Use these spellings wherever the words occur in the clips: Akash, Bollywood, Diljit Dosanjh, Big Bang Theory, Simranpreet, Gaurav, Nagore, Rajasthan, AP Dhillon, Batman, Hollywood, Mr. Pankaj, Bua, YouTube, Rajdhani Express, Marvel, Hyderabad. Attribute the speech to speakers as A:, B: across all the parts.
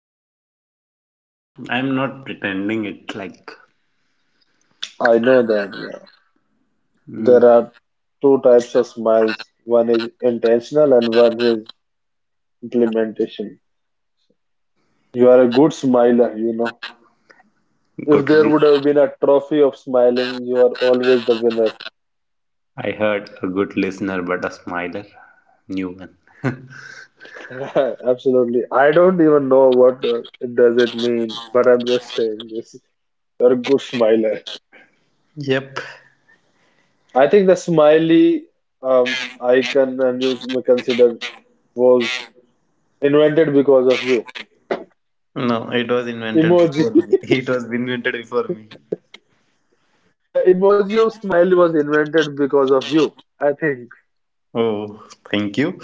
A: natural. I'm not pretending it like
B: I know that, yeah.
A: mm,
B: There are two types of smiles. One is intentional and one is implementation. You are a good smiler, you know. If
A: good.
B: there would have been a trophy of smiling, you are always the winner.
A: I heard a good listener, but a smiler, new one.
B: Absolutely. I don't even know what it does it mean, but I'm just saying this. You're a good smiler.
A: Yep.
B: I think the smiley icon and you may consider was invented because of you.
A: No, it was invented
B: Emoji.
A: before me. It was invented before me.
B: The emoji of smile was invented because of you. I think
A: Oh, thank you.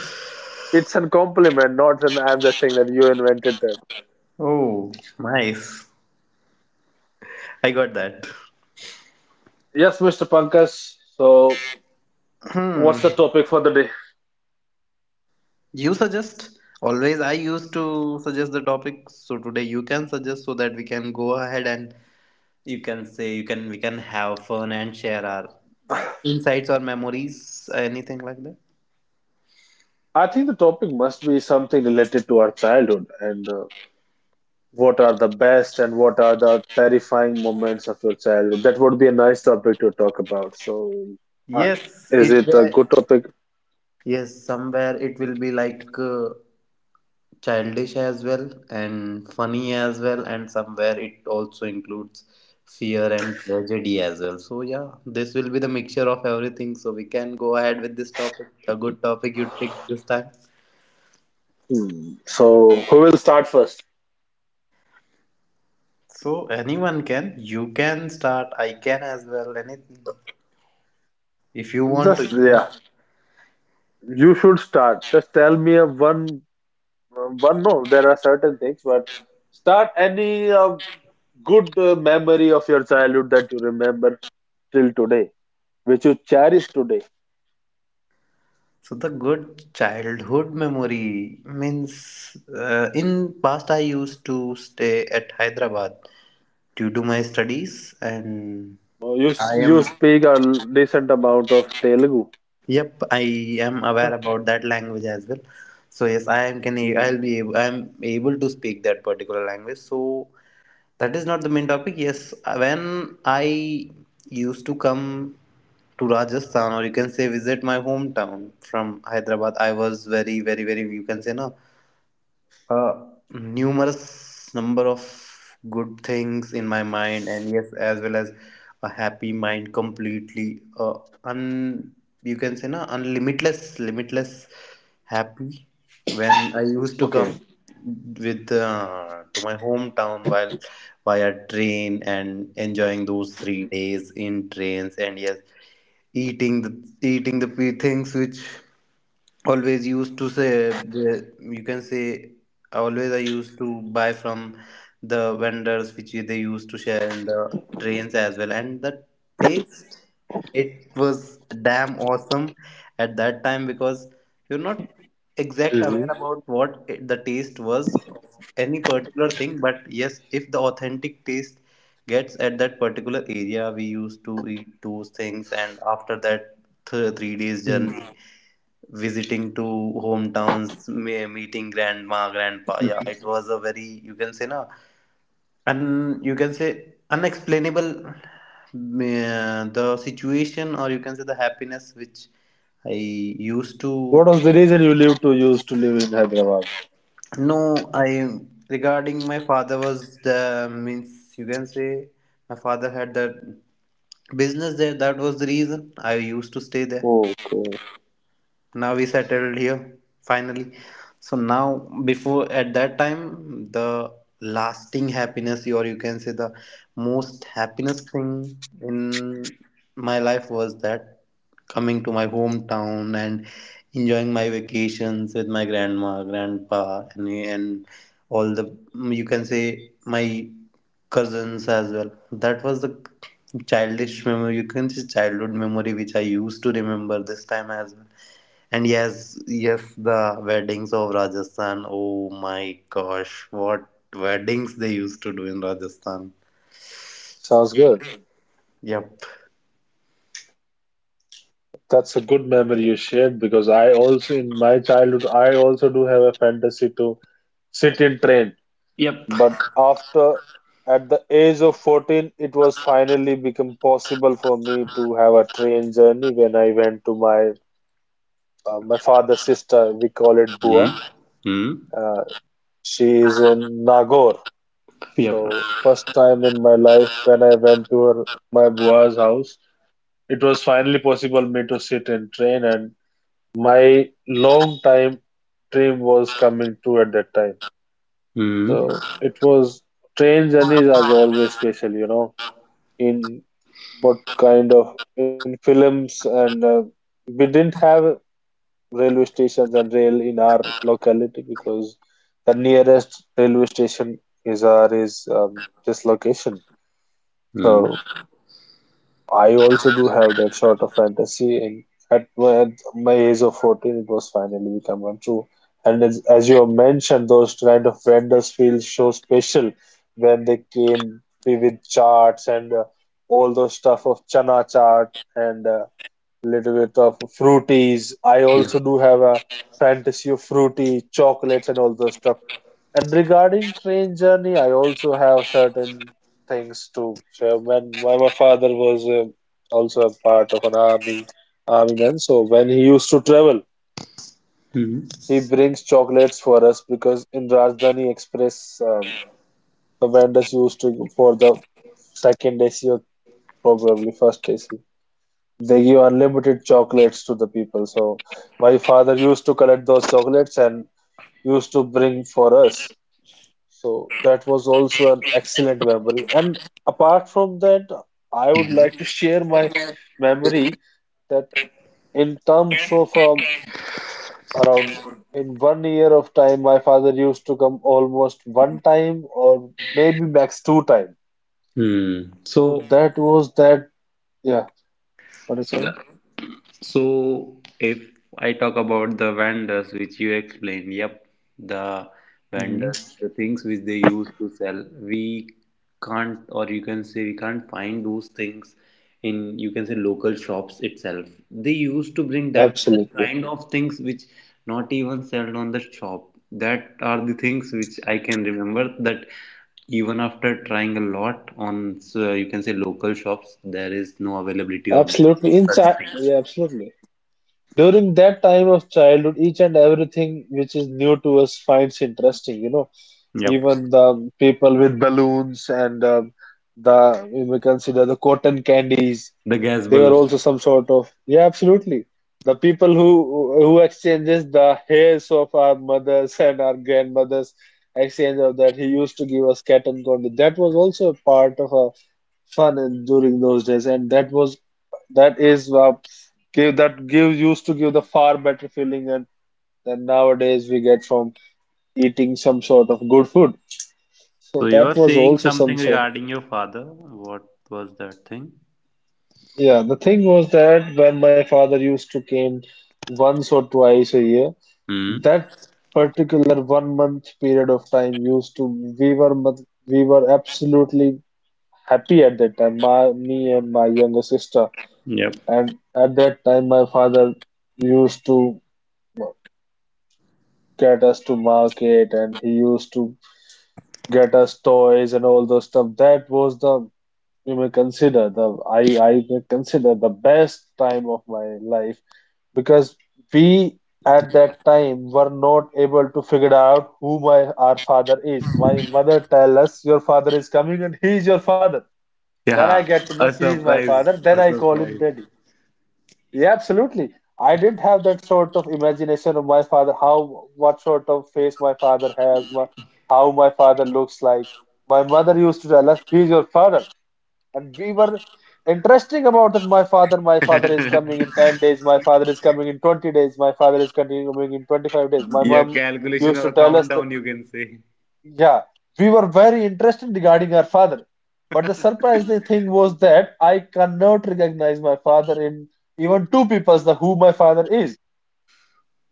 B: it's a compliment, not an I'm just saying that you invented that.
A: Oh, nice. I got that.
B: Yes, Mr. Pankaj. So,
A: Hmm.
B: what's the topic for the day?
A: You suggest? Always I used to suggest the topic, so today you can suggest so that we can go ahead and you can say you can we can have fun and share our insights or memories, anything like that.
B: I think the topic must be something related to our childhood and what are the best and what are the terrifying moments of your childhood. That would be a nice topic to talk about. So, uh,
A: Yes,
B: is
A: it's
B: it a
A: there.
B: good topic?
A: Yes, somewhere it will be like childish as well and funny as well, and somewhere it also includes fear and tragedy as well. So, yeah, this will be the mixture of everything. So, we can go ahead with this topic. A good topic you pick this time.
B: Hmm. So, who will start first?
A: So, anyone can. You can start. I can as well. Anything. If you want to,
B: Just,
A: you can.
B: yeah. You should start. Just tell me a one. No, there are certain things, but start any good memory of your childhood that you remember till today, which you cherish today.
A: So the good childhood memory means in past I used to stay at Hyderabad due to my studies and
B: Uh, You
A: I
B: s- you
A: am
B: speak a decent amount of Telugu.
A: yep I am aware
B: Huh?
A: about that language as well. So yes, I am can
B: Mm.
A: I'm able to speak that particular language, so that is not the main topic. Yes, when I used to come to Rajasthan, or you can say visit my hometown from Hyderabad, I was very very very, you can say, no, uh, numerous number of good things in my mind, and yes, as well as a happy mind completely. Un You can say na, unlimitless limitless happy when I used to come
B: Okay.
A: with to my hometown while via train, and enjoying those 3 days in trains, and yes, eating the eating the things which always used to say the, you can say, always I used to buy from the vendors, which they used to share in the trains as well. And the taste, it was damn awesome at that time because you're not exact
B: Hmm.
A: aware about what the taste was of any particular thing. But yes, if the authentic taste gets at that particular area, we used to eat those things. And after that, 3 days
B: Mm.
A: journey visiting to hometowns, meeting grandma, grandpa. Yeah, it was a very you can say na, and you can say unexplainable, the situation or you can say the happiness which I used
B: What
A: to
B: was the reason you lived to use to live in Hyderabad?
A: know. I Regarding my father, was the means, you can say, my father had that business there. That was the reason I used to stay there.
B: Okay,
A: Now we settled here finally. So, now, before, at that time, the lasting happiness, or you can say the most happiness thing in my life, was that coming to my hometown and enjoying my vacations with my grandma, grandpa, and all the, you can say, my cousins as well. That was the childish memory. You can say childhood memory, which I used to remember this time as well. And yes, yes, the weddings of Rajasthan. Oh my gosh, what weddings they used to do in Rajasthan.
B: sounds good.
A: Yep.
B: That's a good memory you shared because I also in my childhood I also do have a fantasy to sit in train.
A: Yep.
B: But after, at the age of 14, it was finally become possible for me to have a train journey when I went to my my father's sister. We call it
A: Hmm.
B: Bua.
A: Hmm.
B: Uh, she is in Nagore. So first time in my life when I went to her, my Bua's house, it was finally possible me to sit in train, and my long time dream was coming true at that time.
A: Hmm.
B: So it was train journeys as always special, you know. In what kind of in films and we didn't have railway stations and rail in our locality because the nearest railway station is this location.
A: Hmm.
B: So I also do have that sort of fantasy, and at my age of 14 it was finally become one true and as you have mentioned those kind of vendors feel so special when they came with charts and all those stuff of chana chart and little bit of fruities. I also
A: Yes.
B: do have a fantasy of fruity chocolates and all those stuff. And regarding train journey, I also have certain things to share. When my father was also a part of an army man, so when he used to travel,
A: Hmm.
B: he brings chocolates for us because in Rajdhani Express, the vendors used to for the second AC or probably first AC. They give unlimited chocolates to the people. So my father used to collect those chocolates and used to bring for us. So that was also an excellent memory. And apart from that, I would like
A: Hmm.
B: to share my memory that in terms of around in one year of time, my father used to come almost one time or maybe max two times.
A: Hmm.
B: So
A: So.
B: that was that. Yeah, what I'm
A: So that.
B: saying.
A: So, if I talk about the vendors, which you explained, yep, the
B: Mhm.
A: vendors, the things which they use to sell, we can't, or you can say, we can't find those things in, you can say, local shops itself. They used to bring that such
B: Absolutely.
A: kind of things which not even sold on the shop. That are the things which I can remember, that even after trying a lot on, so you can say, local shops, there is no availability of
B: Absolutely.
A: those such things.
B: Yeah, absolutely. During that time of childhood, each and everything which is new to us finds interesting, you know.
A: Yep,
B: Even the people with balloons and the we may consider the cotton candies,
A: the gas
B: they were
A: balloon.
B: also some sort of yeah, absolutely. The people who exchanges the hairs of our mothers and our grandmothers, exchange of that he used to give us cat and candy. That was also a part of our fun in, during those days, and that was that is give used to give the far better feeling than nowadays we get from eating some sort of good food.
A: So,
B: So
A: you
B: that
A: are
B: was
A: saying
B: also
A: something
B: some sort.
A: regarding your father. What was that thing?
B: Yeah, the thing was that when my father used to came once or twice a year,
A: Hmm.
B: that particular one month period of time used to we were mu- we were absolutely happy at that time. My me and my younger sister,
A: Yep.
B: and at that time my father used to get us to market and he used to get us toys and all those stuff. That was the you may consider the I may consider the best time of my life because we at that time were not able to figure out who my our father is. My mother tell us your father is coming and he is your father. Then I
A: Yeah,
B: get to know
A: a
B: he is my
A: surprise.
B: father. Then
A: A
B: I call him
A: surprise.
B: daddy. Yeah, absolutely. I didn't have that sort of imagination of my father, how what sort of face my father has, how my father looks like. My mother used to tell us, "He's your father," and we were interesting about that. My father is coming in 10 days. My father is coming in 20 days. My father is continuing coming in 25 days. My
A: Your
B: mom
A: calculation
B: used
A: or
B: to
A: a
B: tell us that
A: countdown, you can say.
B: yeah, we were very interested regarding our father. But the surprising thing was that I cannot recognize my father in even two people's the who my father is.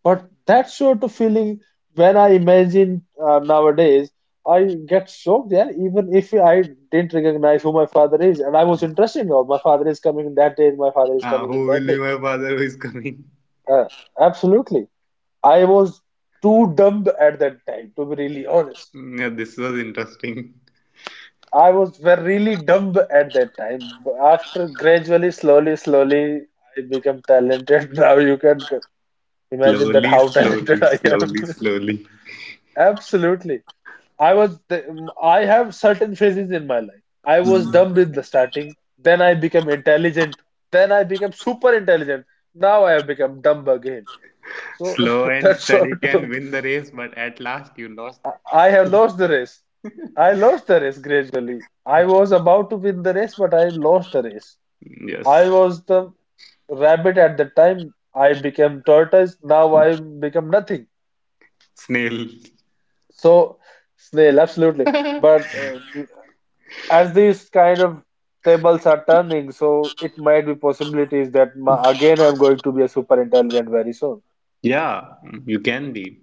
B: But that sort of feeling when I imagine nowadays, I get shocked. Yeah, even if I didn't recognize who my father is. And I was interested in all my father is coming in that day, and my father is
A: Ah,
B: coming in
A: who
B: that
A: will be
B: day.
A: my father who is coming?
B: Uh, Absolutely. I was too dumb at that time, to be really honest.
A: Yeah, this was interesting.
B: I was were really dumb at that time. But after gradually, slowly, slowly, I became talented. Now you can imagine that
A: Slowly,
B: how
A: slowly,
B: talented I am.
A: slowly, slowly.
B: Absolutely. I was. th- I have certain phases in my life. I was
A: Mm.
B: dumb in the starting. Then I became intelligent. Then I became super intelligent. Now I have become dumb again. So
A: Slow and
B: that's
A: steady
B: sort
A: can
B: of.
A: win the race, but at last you lost.
B: I have lost the race. I lost the race gradually. I was about to win the race, but I lost the race. I
A: Yes,
B: was the rabbit at the time. I became tortoise. Now I become nothing.
A: snail.
B: So snail, absolutely. But as these kind of tables are turning, so it might be possibilities that ma again I'm going to be a super intelligent very soon.
A: Yeah, you can be.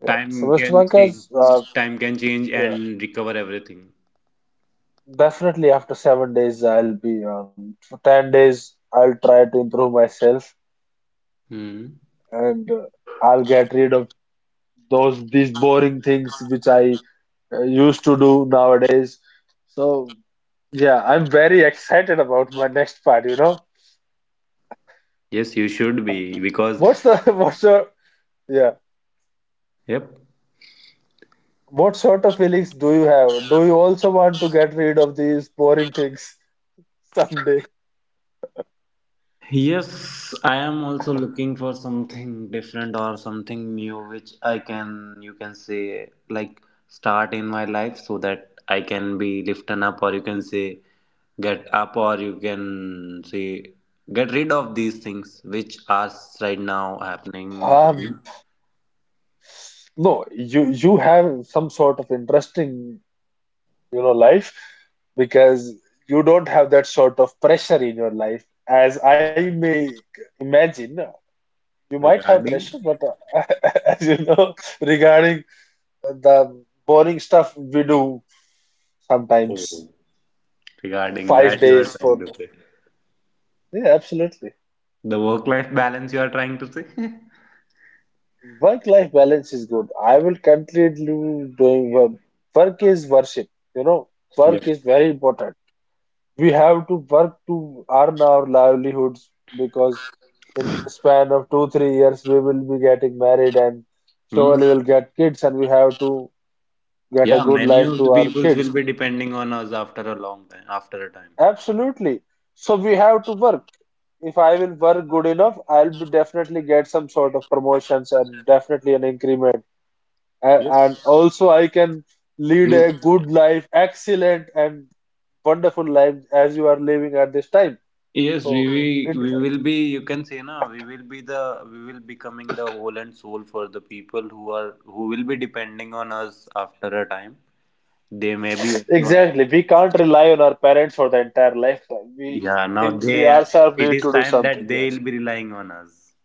B: Yeah. So
A: Time
B: Mr.
A: can
B: Pankaj,
A: change.
B: uh,
A: Time can change
B: yeah,
A: and recover everything.
B: definitely after 7 days I'll be for 10 days I'll try to improve myself
A: Hmm.
B: and I'll get rid of those these boring things which I used to do nowadays. So yeah, I'm very excited about my next part, you know.
A: Yes, you should be because
B: What's the yeah,
A: yep.
B: what sort of feelings do you have? Do you also want to get rid of these boring things someday?
A: Yes, I am also looking for something different or something new, which I can, you can say, like start in my life, so that I can be lifted up, or you can say get up, or you can say get rid of these things which are right now happening to me,
B: Um, no, you have some sort of interesting, life because you don't have that sort of pressure in your life. As I may imagine, you might have
A: regarding.
B: pressure, but as you know, regarding the boring stuff we do sometimes,
A: Oh. Regarding
B: five
A: that you are
B: days
A: trying
B: for.
A: to say.
B: Yeah, absolutely.
A: The work-life balance you are trying to say?
B: Work-life balance is good. I will continue doing work. Work is worship. You know,
A: Yeah.
B: work is very important. We have to work to earn our livelihoods because in span of two, 3 years we will be getting married and
A: Hmm.
B: surely we'll get kids and we have to get a
A: Yeah,
B: good
A: many
B: life
A: of the
B: to our
A: peoples
B: kids.
A: will be depending on us after a long time, after a time.
B: Absolutely. So we have to work. If I will work good enough, I'll be definitely get some sort of promotions and definitely an increment. And
A: Yes.
B: also, I can lead
A: We,
B: a good life, excellent and wonderful life as you are living at this time.
A: yes, we,
B: So
A: we
B: it
A: we will be. You can say now. We will be the. We will becoming the whole and soul for the people who are, who will be depending on us after a time. They may be.
B: exactly we can't rely on our parents for the entire lifetime. We
A: Yeah. Now
B: him we
A: they.
B: ourselves
A: It
B: need
A: is
B: to do
A: time
B: something.
A: that they
B: Yes.
A: will be relying on us.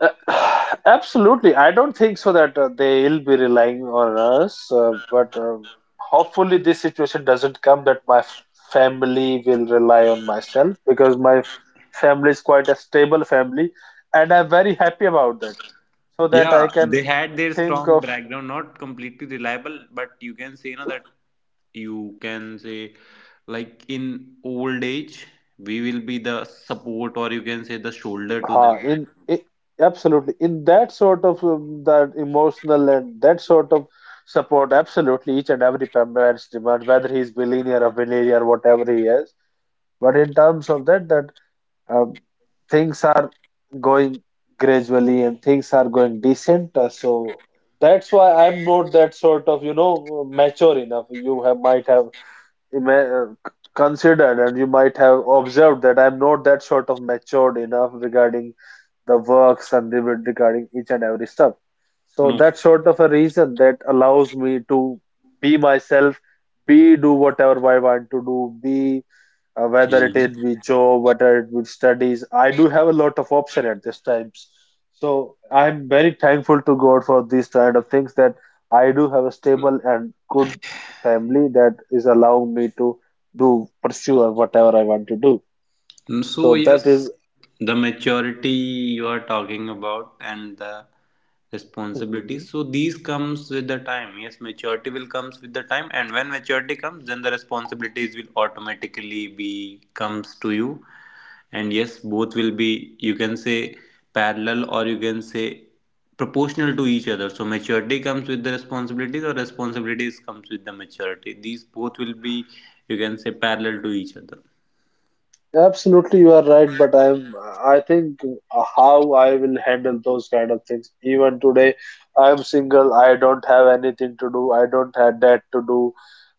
B: Uh, Absolutely. I don't think so that they'll be relying on us, but hopefully this situation doesn't come that family will rely on myself because family is quite a stable family, and I'm very happy about that. So that I
A: Yeah,
B: can
A: they had their
B: think
A: strong
B: of
A: background, not completely reliable, but you can say now that, you can say like, in old age we will be the support, or you can say the shoulder to them.
B: huh,
A: I
B: in
A: think.
B: I absolutely in that sort of that emotional and that sort of support. Absolutely, each and every parents demand, whether he's billionaire or billionaire, whatever he is, but in terms of that, um, things are going gradually, and things are going decent, so that's why I'm not that sort of mature enough. You have might have considered, and you might have observed that I'm not that sort of matured enough regarding the works, and regarding each and every stuff. So
A: No.
B: that sort of a reason that allows me to be myself, be do whatever I want to do, be whether it would be
A: Mhm.
B: job, whether it be studies. I do have a lot of option at these times. So I'm very thankful to God for these kind of things, that I do have a stable and good family that is allowing me to do pursue or whatever I want to do.
A: So
B: So that
A: yes,
B: is-
A: the maturity you are talking about and the
B: Mhm.
A: responsibilities. So, these comes with the time. Yes, maturity will comes with the time, and when maturity comes, then the responsibilities will automatically be comes to you. And yes, both will be, you can say, parallel, or you can say proportional to each other. So, maturity comes with the responsibilities, or responsibilities comes with the maturity. These both will be, you can say, parallel to each other.
B: Absolutely, you are right, but I think how I will handle those kind of things. Even today, I'm single. I don't have anything to do. I don't have that to do,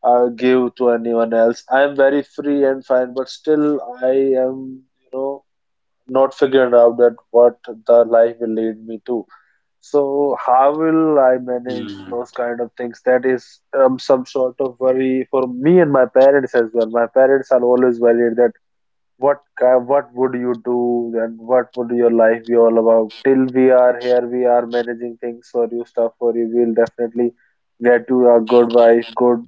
B: give to anyone else. I'm very free and fine, but still, I am not figured out that what the life will lead me to. So how will I manage
A: Hmm.
B: those kind of things? That is some sort of worry for me and my parents as well. My parents are always worried that what would you do, and what would your life be all about? Till we are here, we are managing things for you, stuff for you. We'll definitely get you a good wife, good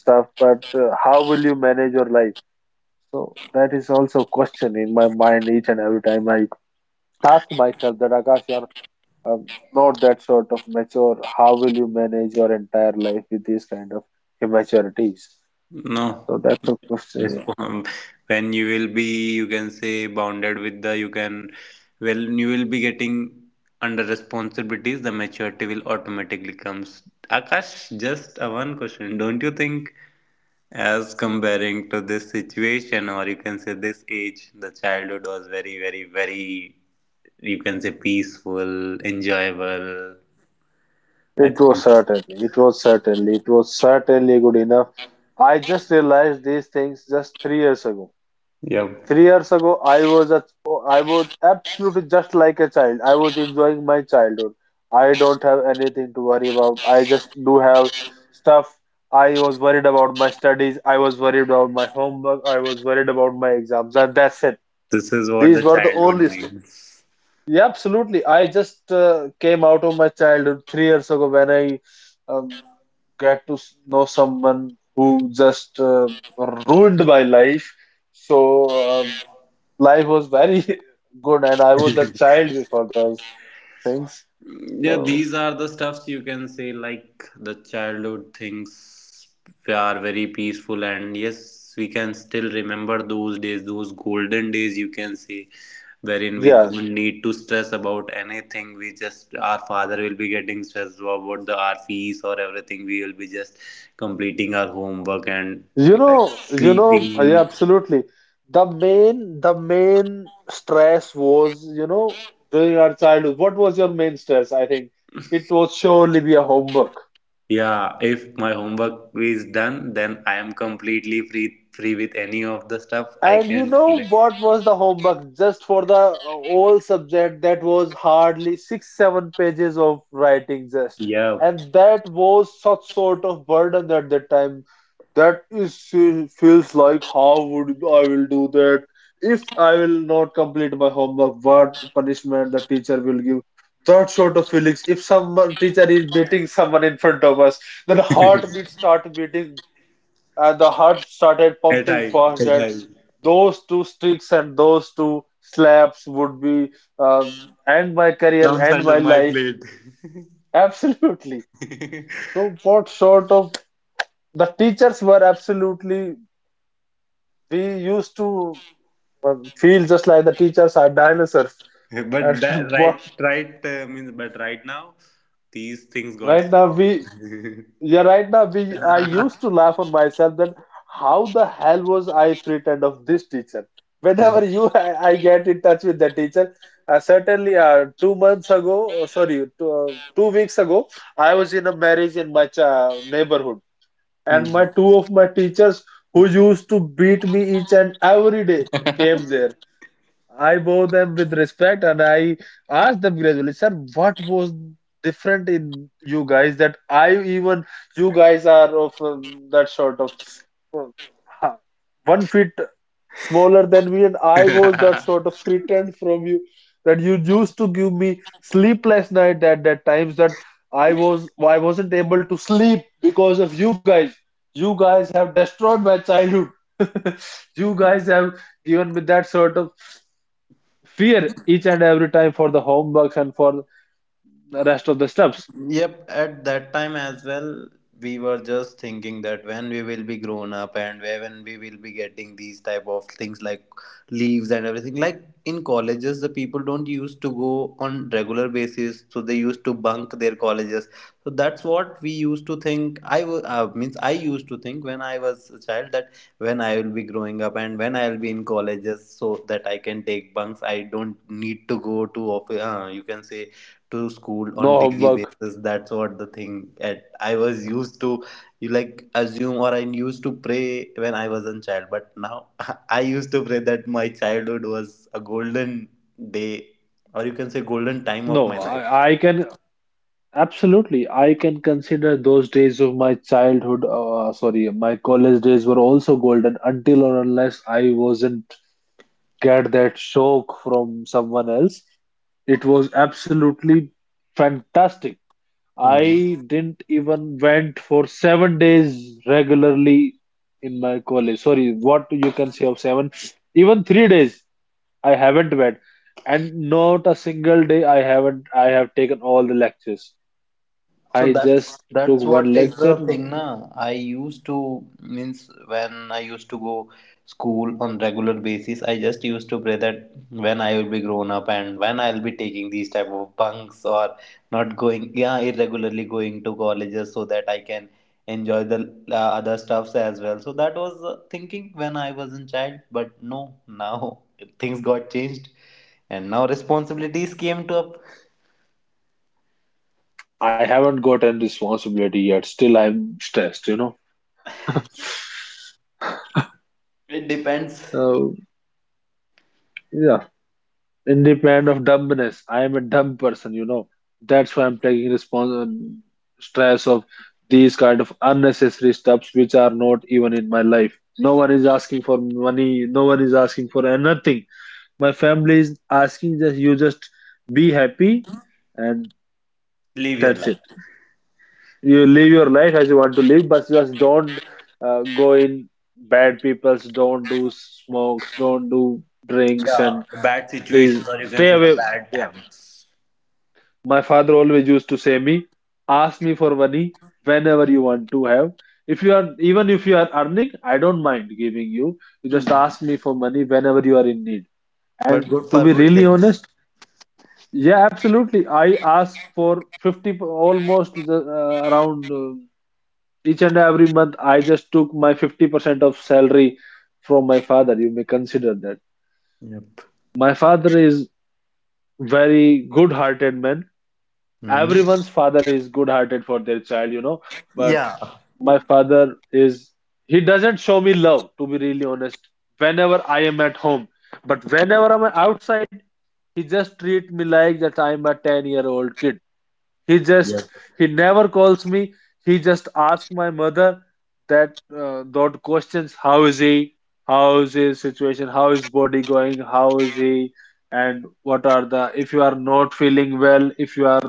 B: stuff, but how will you manage your life? So that is also a question in my mind, each and every time I ask myself that, Akash, you are um, not that sort of mature. How will you manage your entire life with these kind of immaturities?
A: No,
B: So that's a question,
A: just
B: yeah.
A: when you will be, you can say, bounded with the, you can, well, you will be getting under responsibilities, the maturity will automatically comes. Akash, just a one question. Don't you think, as comparing to this situation, or you can say this age, the childhood was very, very, very, you can say, peaceful, enjoyable. I
B: It was
A: think,
B: certainly, it was certainly, it was certainly good enough. I just realized these things just 3 years ago.
A: yeah,
B: 3 years ago, I was absolutely just like a child. I was enjoying my childhood. I don't have anything to worry about. I just do have stuff. I was worried about my studies. I was worried about my homework. I was worried about my exams, and that's it.
A: this is what the
B: These were the
A: childhood
B: only stuff.
A: means.
B: Yeah, absolutely. I just came out of my childhood 3 years ago when I um, get to know someone who just ruined my life. So life was very good, and I was a child before those things.
A: Yeah,
B: So
A: these are the stuffs, you can say like the childhood things, they are very peaceful, and yes, we can still remember those days, those golden days you can say, wherein we
B: yeah,
A: don't need to stress about anything. We just, our father will be getting stressed about the our fees or everything. We will be just completing our homework and like
B: yeah,
A: sleeping.
B: absolutely. The main stress was, during our childhood. What was your main stress? I think it was surely be a homework.
A: Yeah, if my homework is done, then I am completely free with any of the stuff I
B: And you
A: can.
B: know
A: Do.
B: what was the homework just for the whole subject? That was hardly six, seven pages of writing just.
A: Yeah,
B: And that was such sort of burden at that time. That is feels like how would I will do that if I will not complete my homework? What punishment the teacher will give? That sort of feelings. If someone teacher is beating someone in front of us, then heartbeat start beating, and the heart started
A: at
B: pumping
A: I
B: fast.
A: at
B: That
A: I
B: those two sticks and those two slaps would be uh, end my career,
A: comes
B: end my
A: under my
B: life.
A: plate.
B: Absolutely. So what sort of, the teachers were absolutely, we used to feel just like the teachers are dinosaurs,
A: But
B: and
A: that
B: what
A: right, means, but right now these things got
B: right now
A: stopped.
B: we. Yeah, right now we, I used to laugh on myself that how the hell was I frightened of this teacher? Whenever you I get in touch with the teacher, certainly 2 months ago, sorry, two weeks ago, I was in a marriage in my cha neighborhood, and my two of my teachers who used to beat me each and every day
A: Hmm.
B: came there. I bow them with respect, and I ask them gradually, sir, what was different in you guys that I, even you guys are of that sort of um, ha- 1 feet smaller than me, and I was that sort of threatened from you, that you used to give me sleepless night at that times that I wasn't able to sleep because of you guys. You guys have destroyed my childhood. You guys have given me that sort of fear each and every time for the homeworks and for the rest of the steps.
A: Yep, at that time as well, we were just thinking that when we will be grown up, and where when we will be getting these type of things like leaves and everything. Like in colleges, the people don't used to go on regular basis, so they used to bunk their colleges. So that's what we used to think. Means I used to think when I was a child that when I will be growing up and when I will be in colleges, so that I can take bunks. I don't need to go to office. You can say to school on
B: No
A: daily
B: homework.
A: basis, that's what the thing at I was used to, you like assume, or I used to pray when I was a child. But now I used to pray that my childhood was a golden day, or you can say golden time of
B: No,
A: my life.
B: I can absolutely. I can consider those days of my childhood. Sorry, my college days were also golden, until or unless I wasn't get that shock from someone else. It was absolutely fantastic.
A: Hmm.
B: I didn't even went for 7 days regularly in my college. Sorry, what you can say of seven, even 3 days I haven't went, and not a single day I haven't. I have taken all the lectures.
A: So,
B: I
A: that's
B: just took
A: that's
B: one
A: what is
B: lecture.
A: the thing, na. I used to means, when I used to go school on regular basis, I just used to pray that when I will be grown up and when I'll be taking these type of bunks, or not going, yeah, irregularly going to colleges so that I can enjoy the other stuffs as well. So that was thinking when I was in child, but no, now things got changed, and now responsibilities came to up.
B: I haven't gotten responsibility yet. Still, I'm stressed.
A: It depends.
B: So yeah. Independent of dumbness, I am a dumb person, you know. That's why I'm taking stress of these kind of unnecessary stuffs which are not even in my life. No one is asking for money, no one is asking for anything. My family is asking that you just be happy, and
A: Live your
B: that's it.
A: life.
B: You live your life as you want to live, but just don't go in bad people's, don't do smokes, don't do drinks,
A: Yeah,
B: and these, stay away. Yeah. My father always used to say me, ask me for money whenever you want to have. If you are Even if you are earning, I don't mind giving you. You just
A: Mm.
B: ask me for money whenever you are in need.
A: But
B: And
A: good
B: to
A: for
B: be
A: good
B: really
A: things.
B: honest, yeah, absolutely. I ask for almost around each and every month. I just took my 50% of salary from my father. You may consider that.
A: Yep.
B: My father is very good-hearted man.
A: Mm.
B: Everyone's father is good hearted for their child, but my father is he doesn't show me love, to be really honest, whenever I am at home. But whenever I'm outside, he just treat me like that I am a 10-year-old kid. He just he never calls me. He just asks my mother that questions how is he, how is his situation, how is body going, how is he, and what are the if you are not feeling well, if you are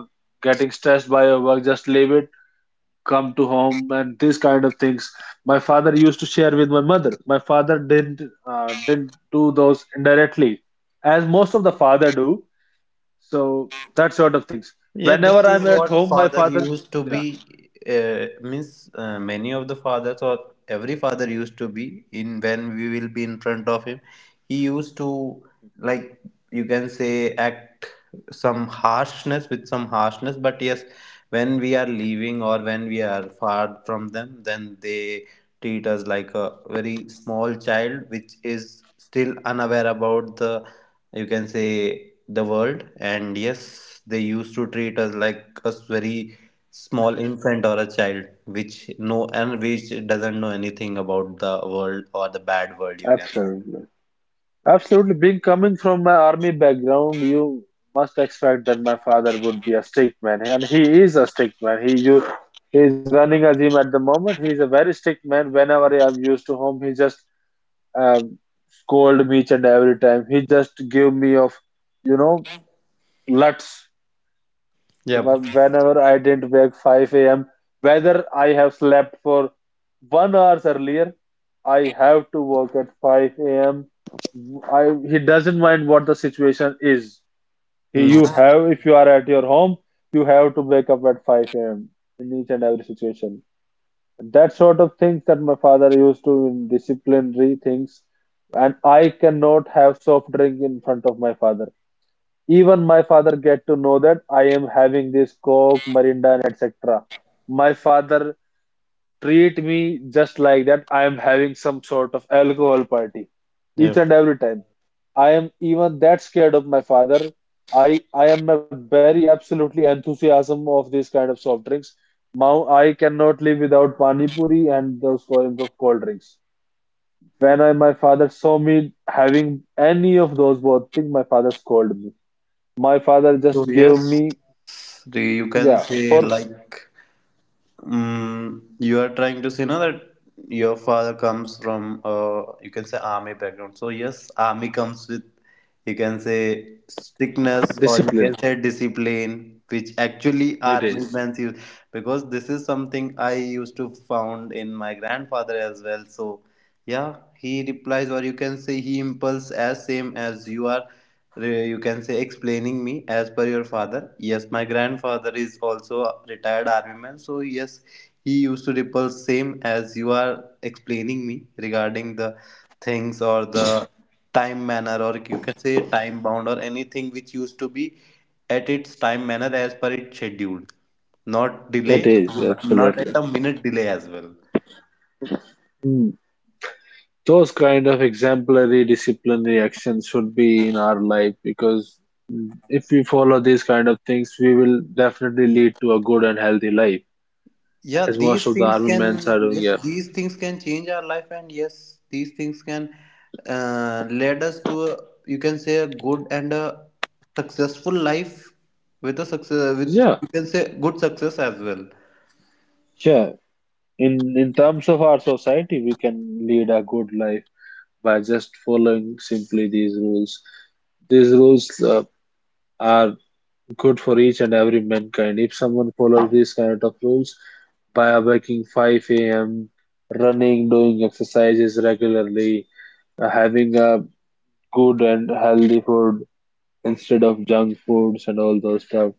B: getting stressed by your work, just leave it, come to home, and these kind of things. My father used to share with my mother. My father didn't do those indirectly, as most of the father do, so that sort of things.
A: Yeah, this
B: Whenever I'm
A: is
B: at
A: what
B: home, my
A: father
B: father,
A: used to
B: yeah,
A: be. Means, many of the fathers, or every father used to be in when we will be in front of him. He used to like, you can say, act some harshness, with some harshness, but yes, when we are leaving, or when we are far from them, then they treat us like a very small child which is still unaware about the, you can say, the world. And yes, they used to treat us like a very small infant or a child which no, and which doesn't know anything about the world, or the bad world you can say.
B: absolutely, absolutely. Being coming from my army background, you must expect that my father would be a strict man, and he is a strict man. He is running a gym at the moment. He is a very strict man. Whenever I'm used to home, he just um, scold me each and every time. He just give me of, you know, lots.
A: Yep.
B: Whenever I didn't wake 5 a.m., whether I have slept for 1 hours earlier, I have to work at 5 a.m. He doesn't mind what the situation is. He, you
A: Mm.
B: have if you are at your home, you have to wake up at 5 a.m. in each and every situation. That sort of things that my father used to in disciplinary things, and I cannot have soft drink in front of my father, even my father get to know that I am having this coke, Mirinda, and etc. My father treat me just like that, I am having some sort of alcohol party each
A: Yep.
B: and every time. I am even that scared of my father. I am a very absolutely enthusiasm of this kind of soft drinks. Now I cannot live without pani puri and those kinds of cold drinks. When I my father saw me having any of those both things, my father scolded me. My father
A: So
B: just gave
A: yes,
B: me,
A: you can
B: yeah,
A: say
B: for
A: like, Mm, you are trying to say now that your father comes from you can say army background. So yes, army comes with, you can say strictness, or you
B: discipline.
A: can say discipline, which actually
B: It
A: army
B: is.
A: men use, because this is something I used to found in my grandfather as well. So yeah, he replies, or you can say he impulse as same as you are uh, you can say explaining me as per your father. Yes, my grandfather is also a retired army man, so yes, he used to repulse same as you are explaining me, regarding the things, or the time manner, or you can say time bound, or anything which used to be at its time manner as per its scheduled, not delay,
B: It is
A: not at
B: absolutely.
A: a minute delay as well.
B: Mm. Those kind of exemplary disciplinary actions should be in our life, because if we follow these kind of things, we will definitely lead to a good and healthy life,
A: Yeah,
B: as most
A: these
B: of the
A: things
B: army
A: can,
B: men are doing.
A: yes,
B: Yeah,
A: these things can change our life, and yes, these things can lead us to a, you can say, a good and a successful life, with a success, with
B: yeah,
A: you can say good success as well.
B: yeah. In terms of our society, we can lead a good life by just following simply these rules. These rules are good for each and every mankind. If someone follows these kind of rules by waking 5 a.m., running, doing exercises regularly, having a good and healthy food instead of junk foods and all those stuff.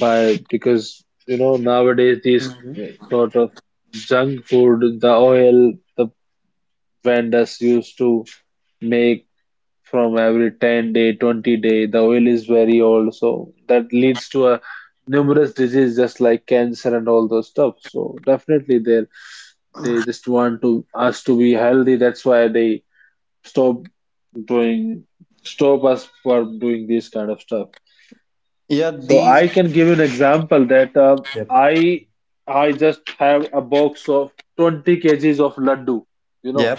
B: By Because nowadays these
A: Hmm.
B: sort of junk food, the vendors used to make from every 10 day 20 day, the oil is very old, so that leads to a numerous disease just like cancer and all those stuff. So definitely, they just want to us to be healthy. That's why they stop doing stop us for doing this kind of stuff.
A: Yeah,
B: So I
A: these.
B: can give you an example that
A: Yep.
B: i I just have a box of 20 kgs of laddu you know
A: Yep.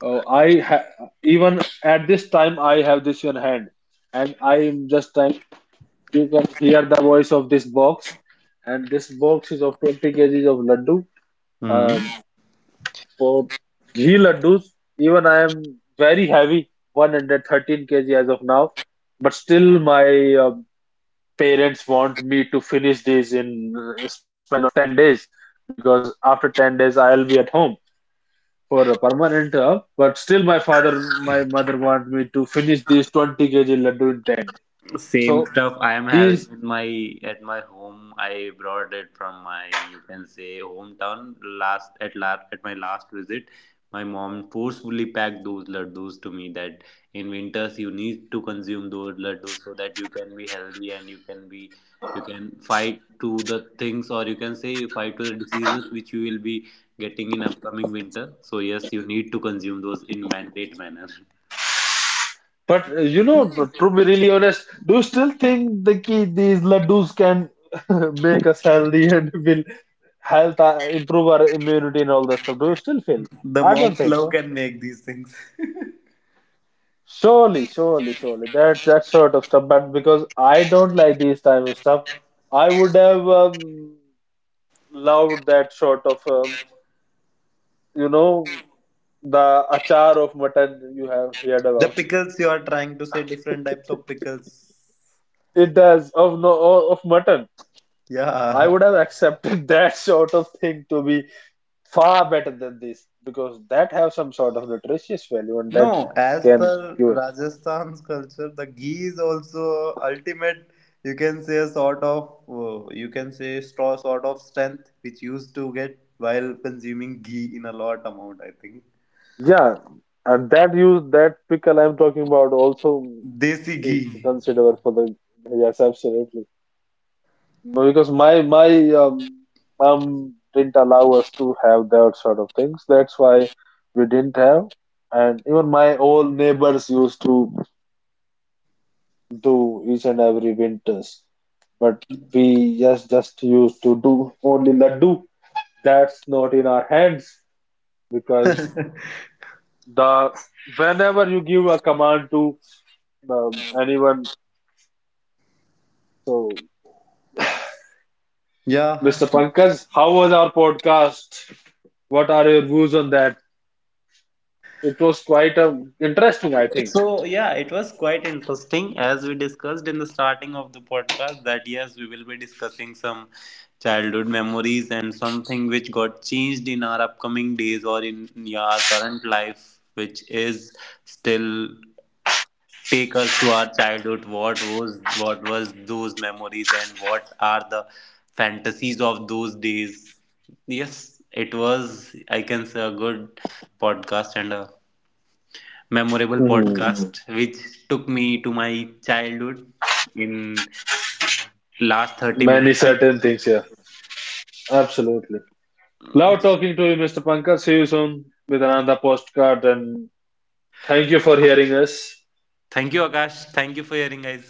B: Oh, I ha even at this time I have this in hand, and I am just trying. You can hear the voice of this box, and this box is of 20 kgs of laddu.
A: Hmm.
B: Um, for ghee laddus, even I am very heavy, 113 kg as of now. But still, my uh, parents want me to finish this in span of 10 days, because after 10 days I'll be at home for a permanent job. But still, my father, my mother want me to finish these 20 kg laddu in 10 days.
A: Same
B: So
A: stuff I am having
B: these,
A: in my, at my home. I brought it from my, you can say, hometown. Last at last, at my last visit, my mom forcefully packed those laddus to me, that in winters you need to consume those laddus so that you can be healthy, and you can be, you can fight to the things, or you can say, you fight to the diseases which you will be getting in upcoming winter. So yes, you need to consume those in mandate manner.
B: but to be really honest, do you still think these laddus can make us healthy and will improve our immunity and all that stuff? Do you still feel?
A: The
B: I don't
A: mom's
B: think
A: love
B: so.
A: can make these things.
B: Surely, surely, surely. That's that sort of stuff. But because I don't like these type of stuff, I would have loved that sort of you know, the achar of mutton you have heard
A: The
B: about.
A: pickles you are trying to say, different types of pickles.
B: It does of no of mutton. I
A: Yeah.
B: would have accepted that sort of thing to be far better than this, because that have some sort of nutritious value, and that
A: No, as
B: can
A: per
B: cure.
A: Rajasthan's culture, the ghee is also ultimate. You can say a sort of, you can say straw sort of strength which used to get while consuming ghee in a lot amount. I think
B: Yeah, and that use that pickle I'm talking about also
A: desi
B: is
A: ghee.
B: considered for the, yes, absolutely. Well, because my mom didn't allow us to have that sort of things. That's why we didn't have. And even my old neighbors used to do each and every winters, but we just used to do only laddu. That's not in our hands, because the whenever you give a command to anyone, so
A: Yeah.
B: Mr. Pankaj, how was our podcast? What are your views on that? It was quite a interesting, I think.
A: So, yeah, it was quite interesting as we discussed in the starting of the podcast, that yes, we will be discussing some childhood memories and something which got changed in our upcoming days, or in our current life, which is still take us to our childhood. What was those memories and what are the fantasies of those days? Yes, it was, I can say, a good podcast and a memorable
B: Hmm.
A: podcast which took me to my childhood in last 30
B: Many
A: minutes, I think.
B: certain things here. Absolutely. Love talking to you, Mr. Pankaj. See you soon with another postcard, and thank you for hearing us.
A: Thank you, Akash. Thank you for hearing, guys.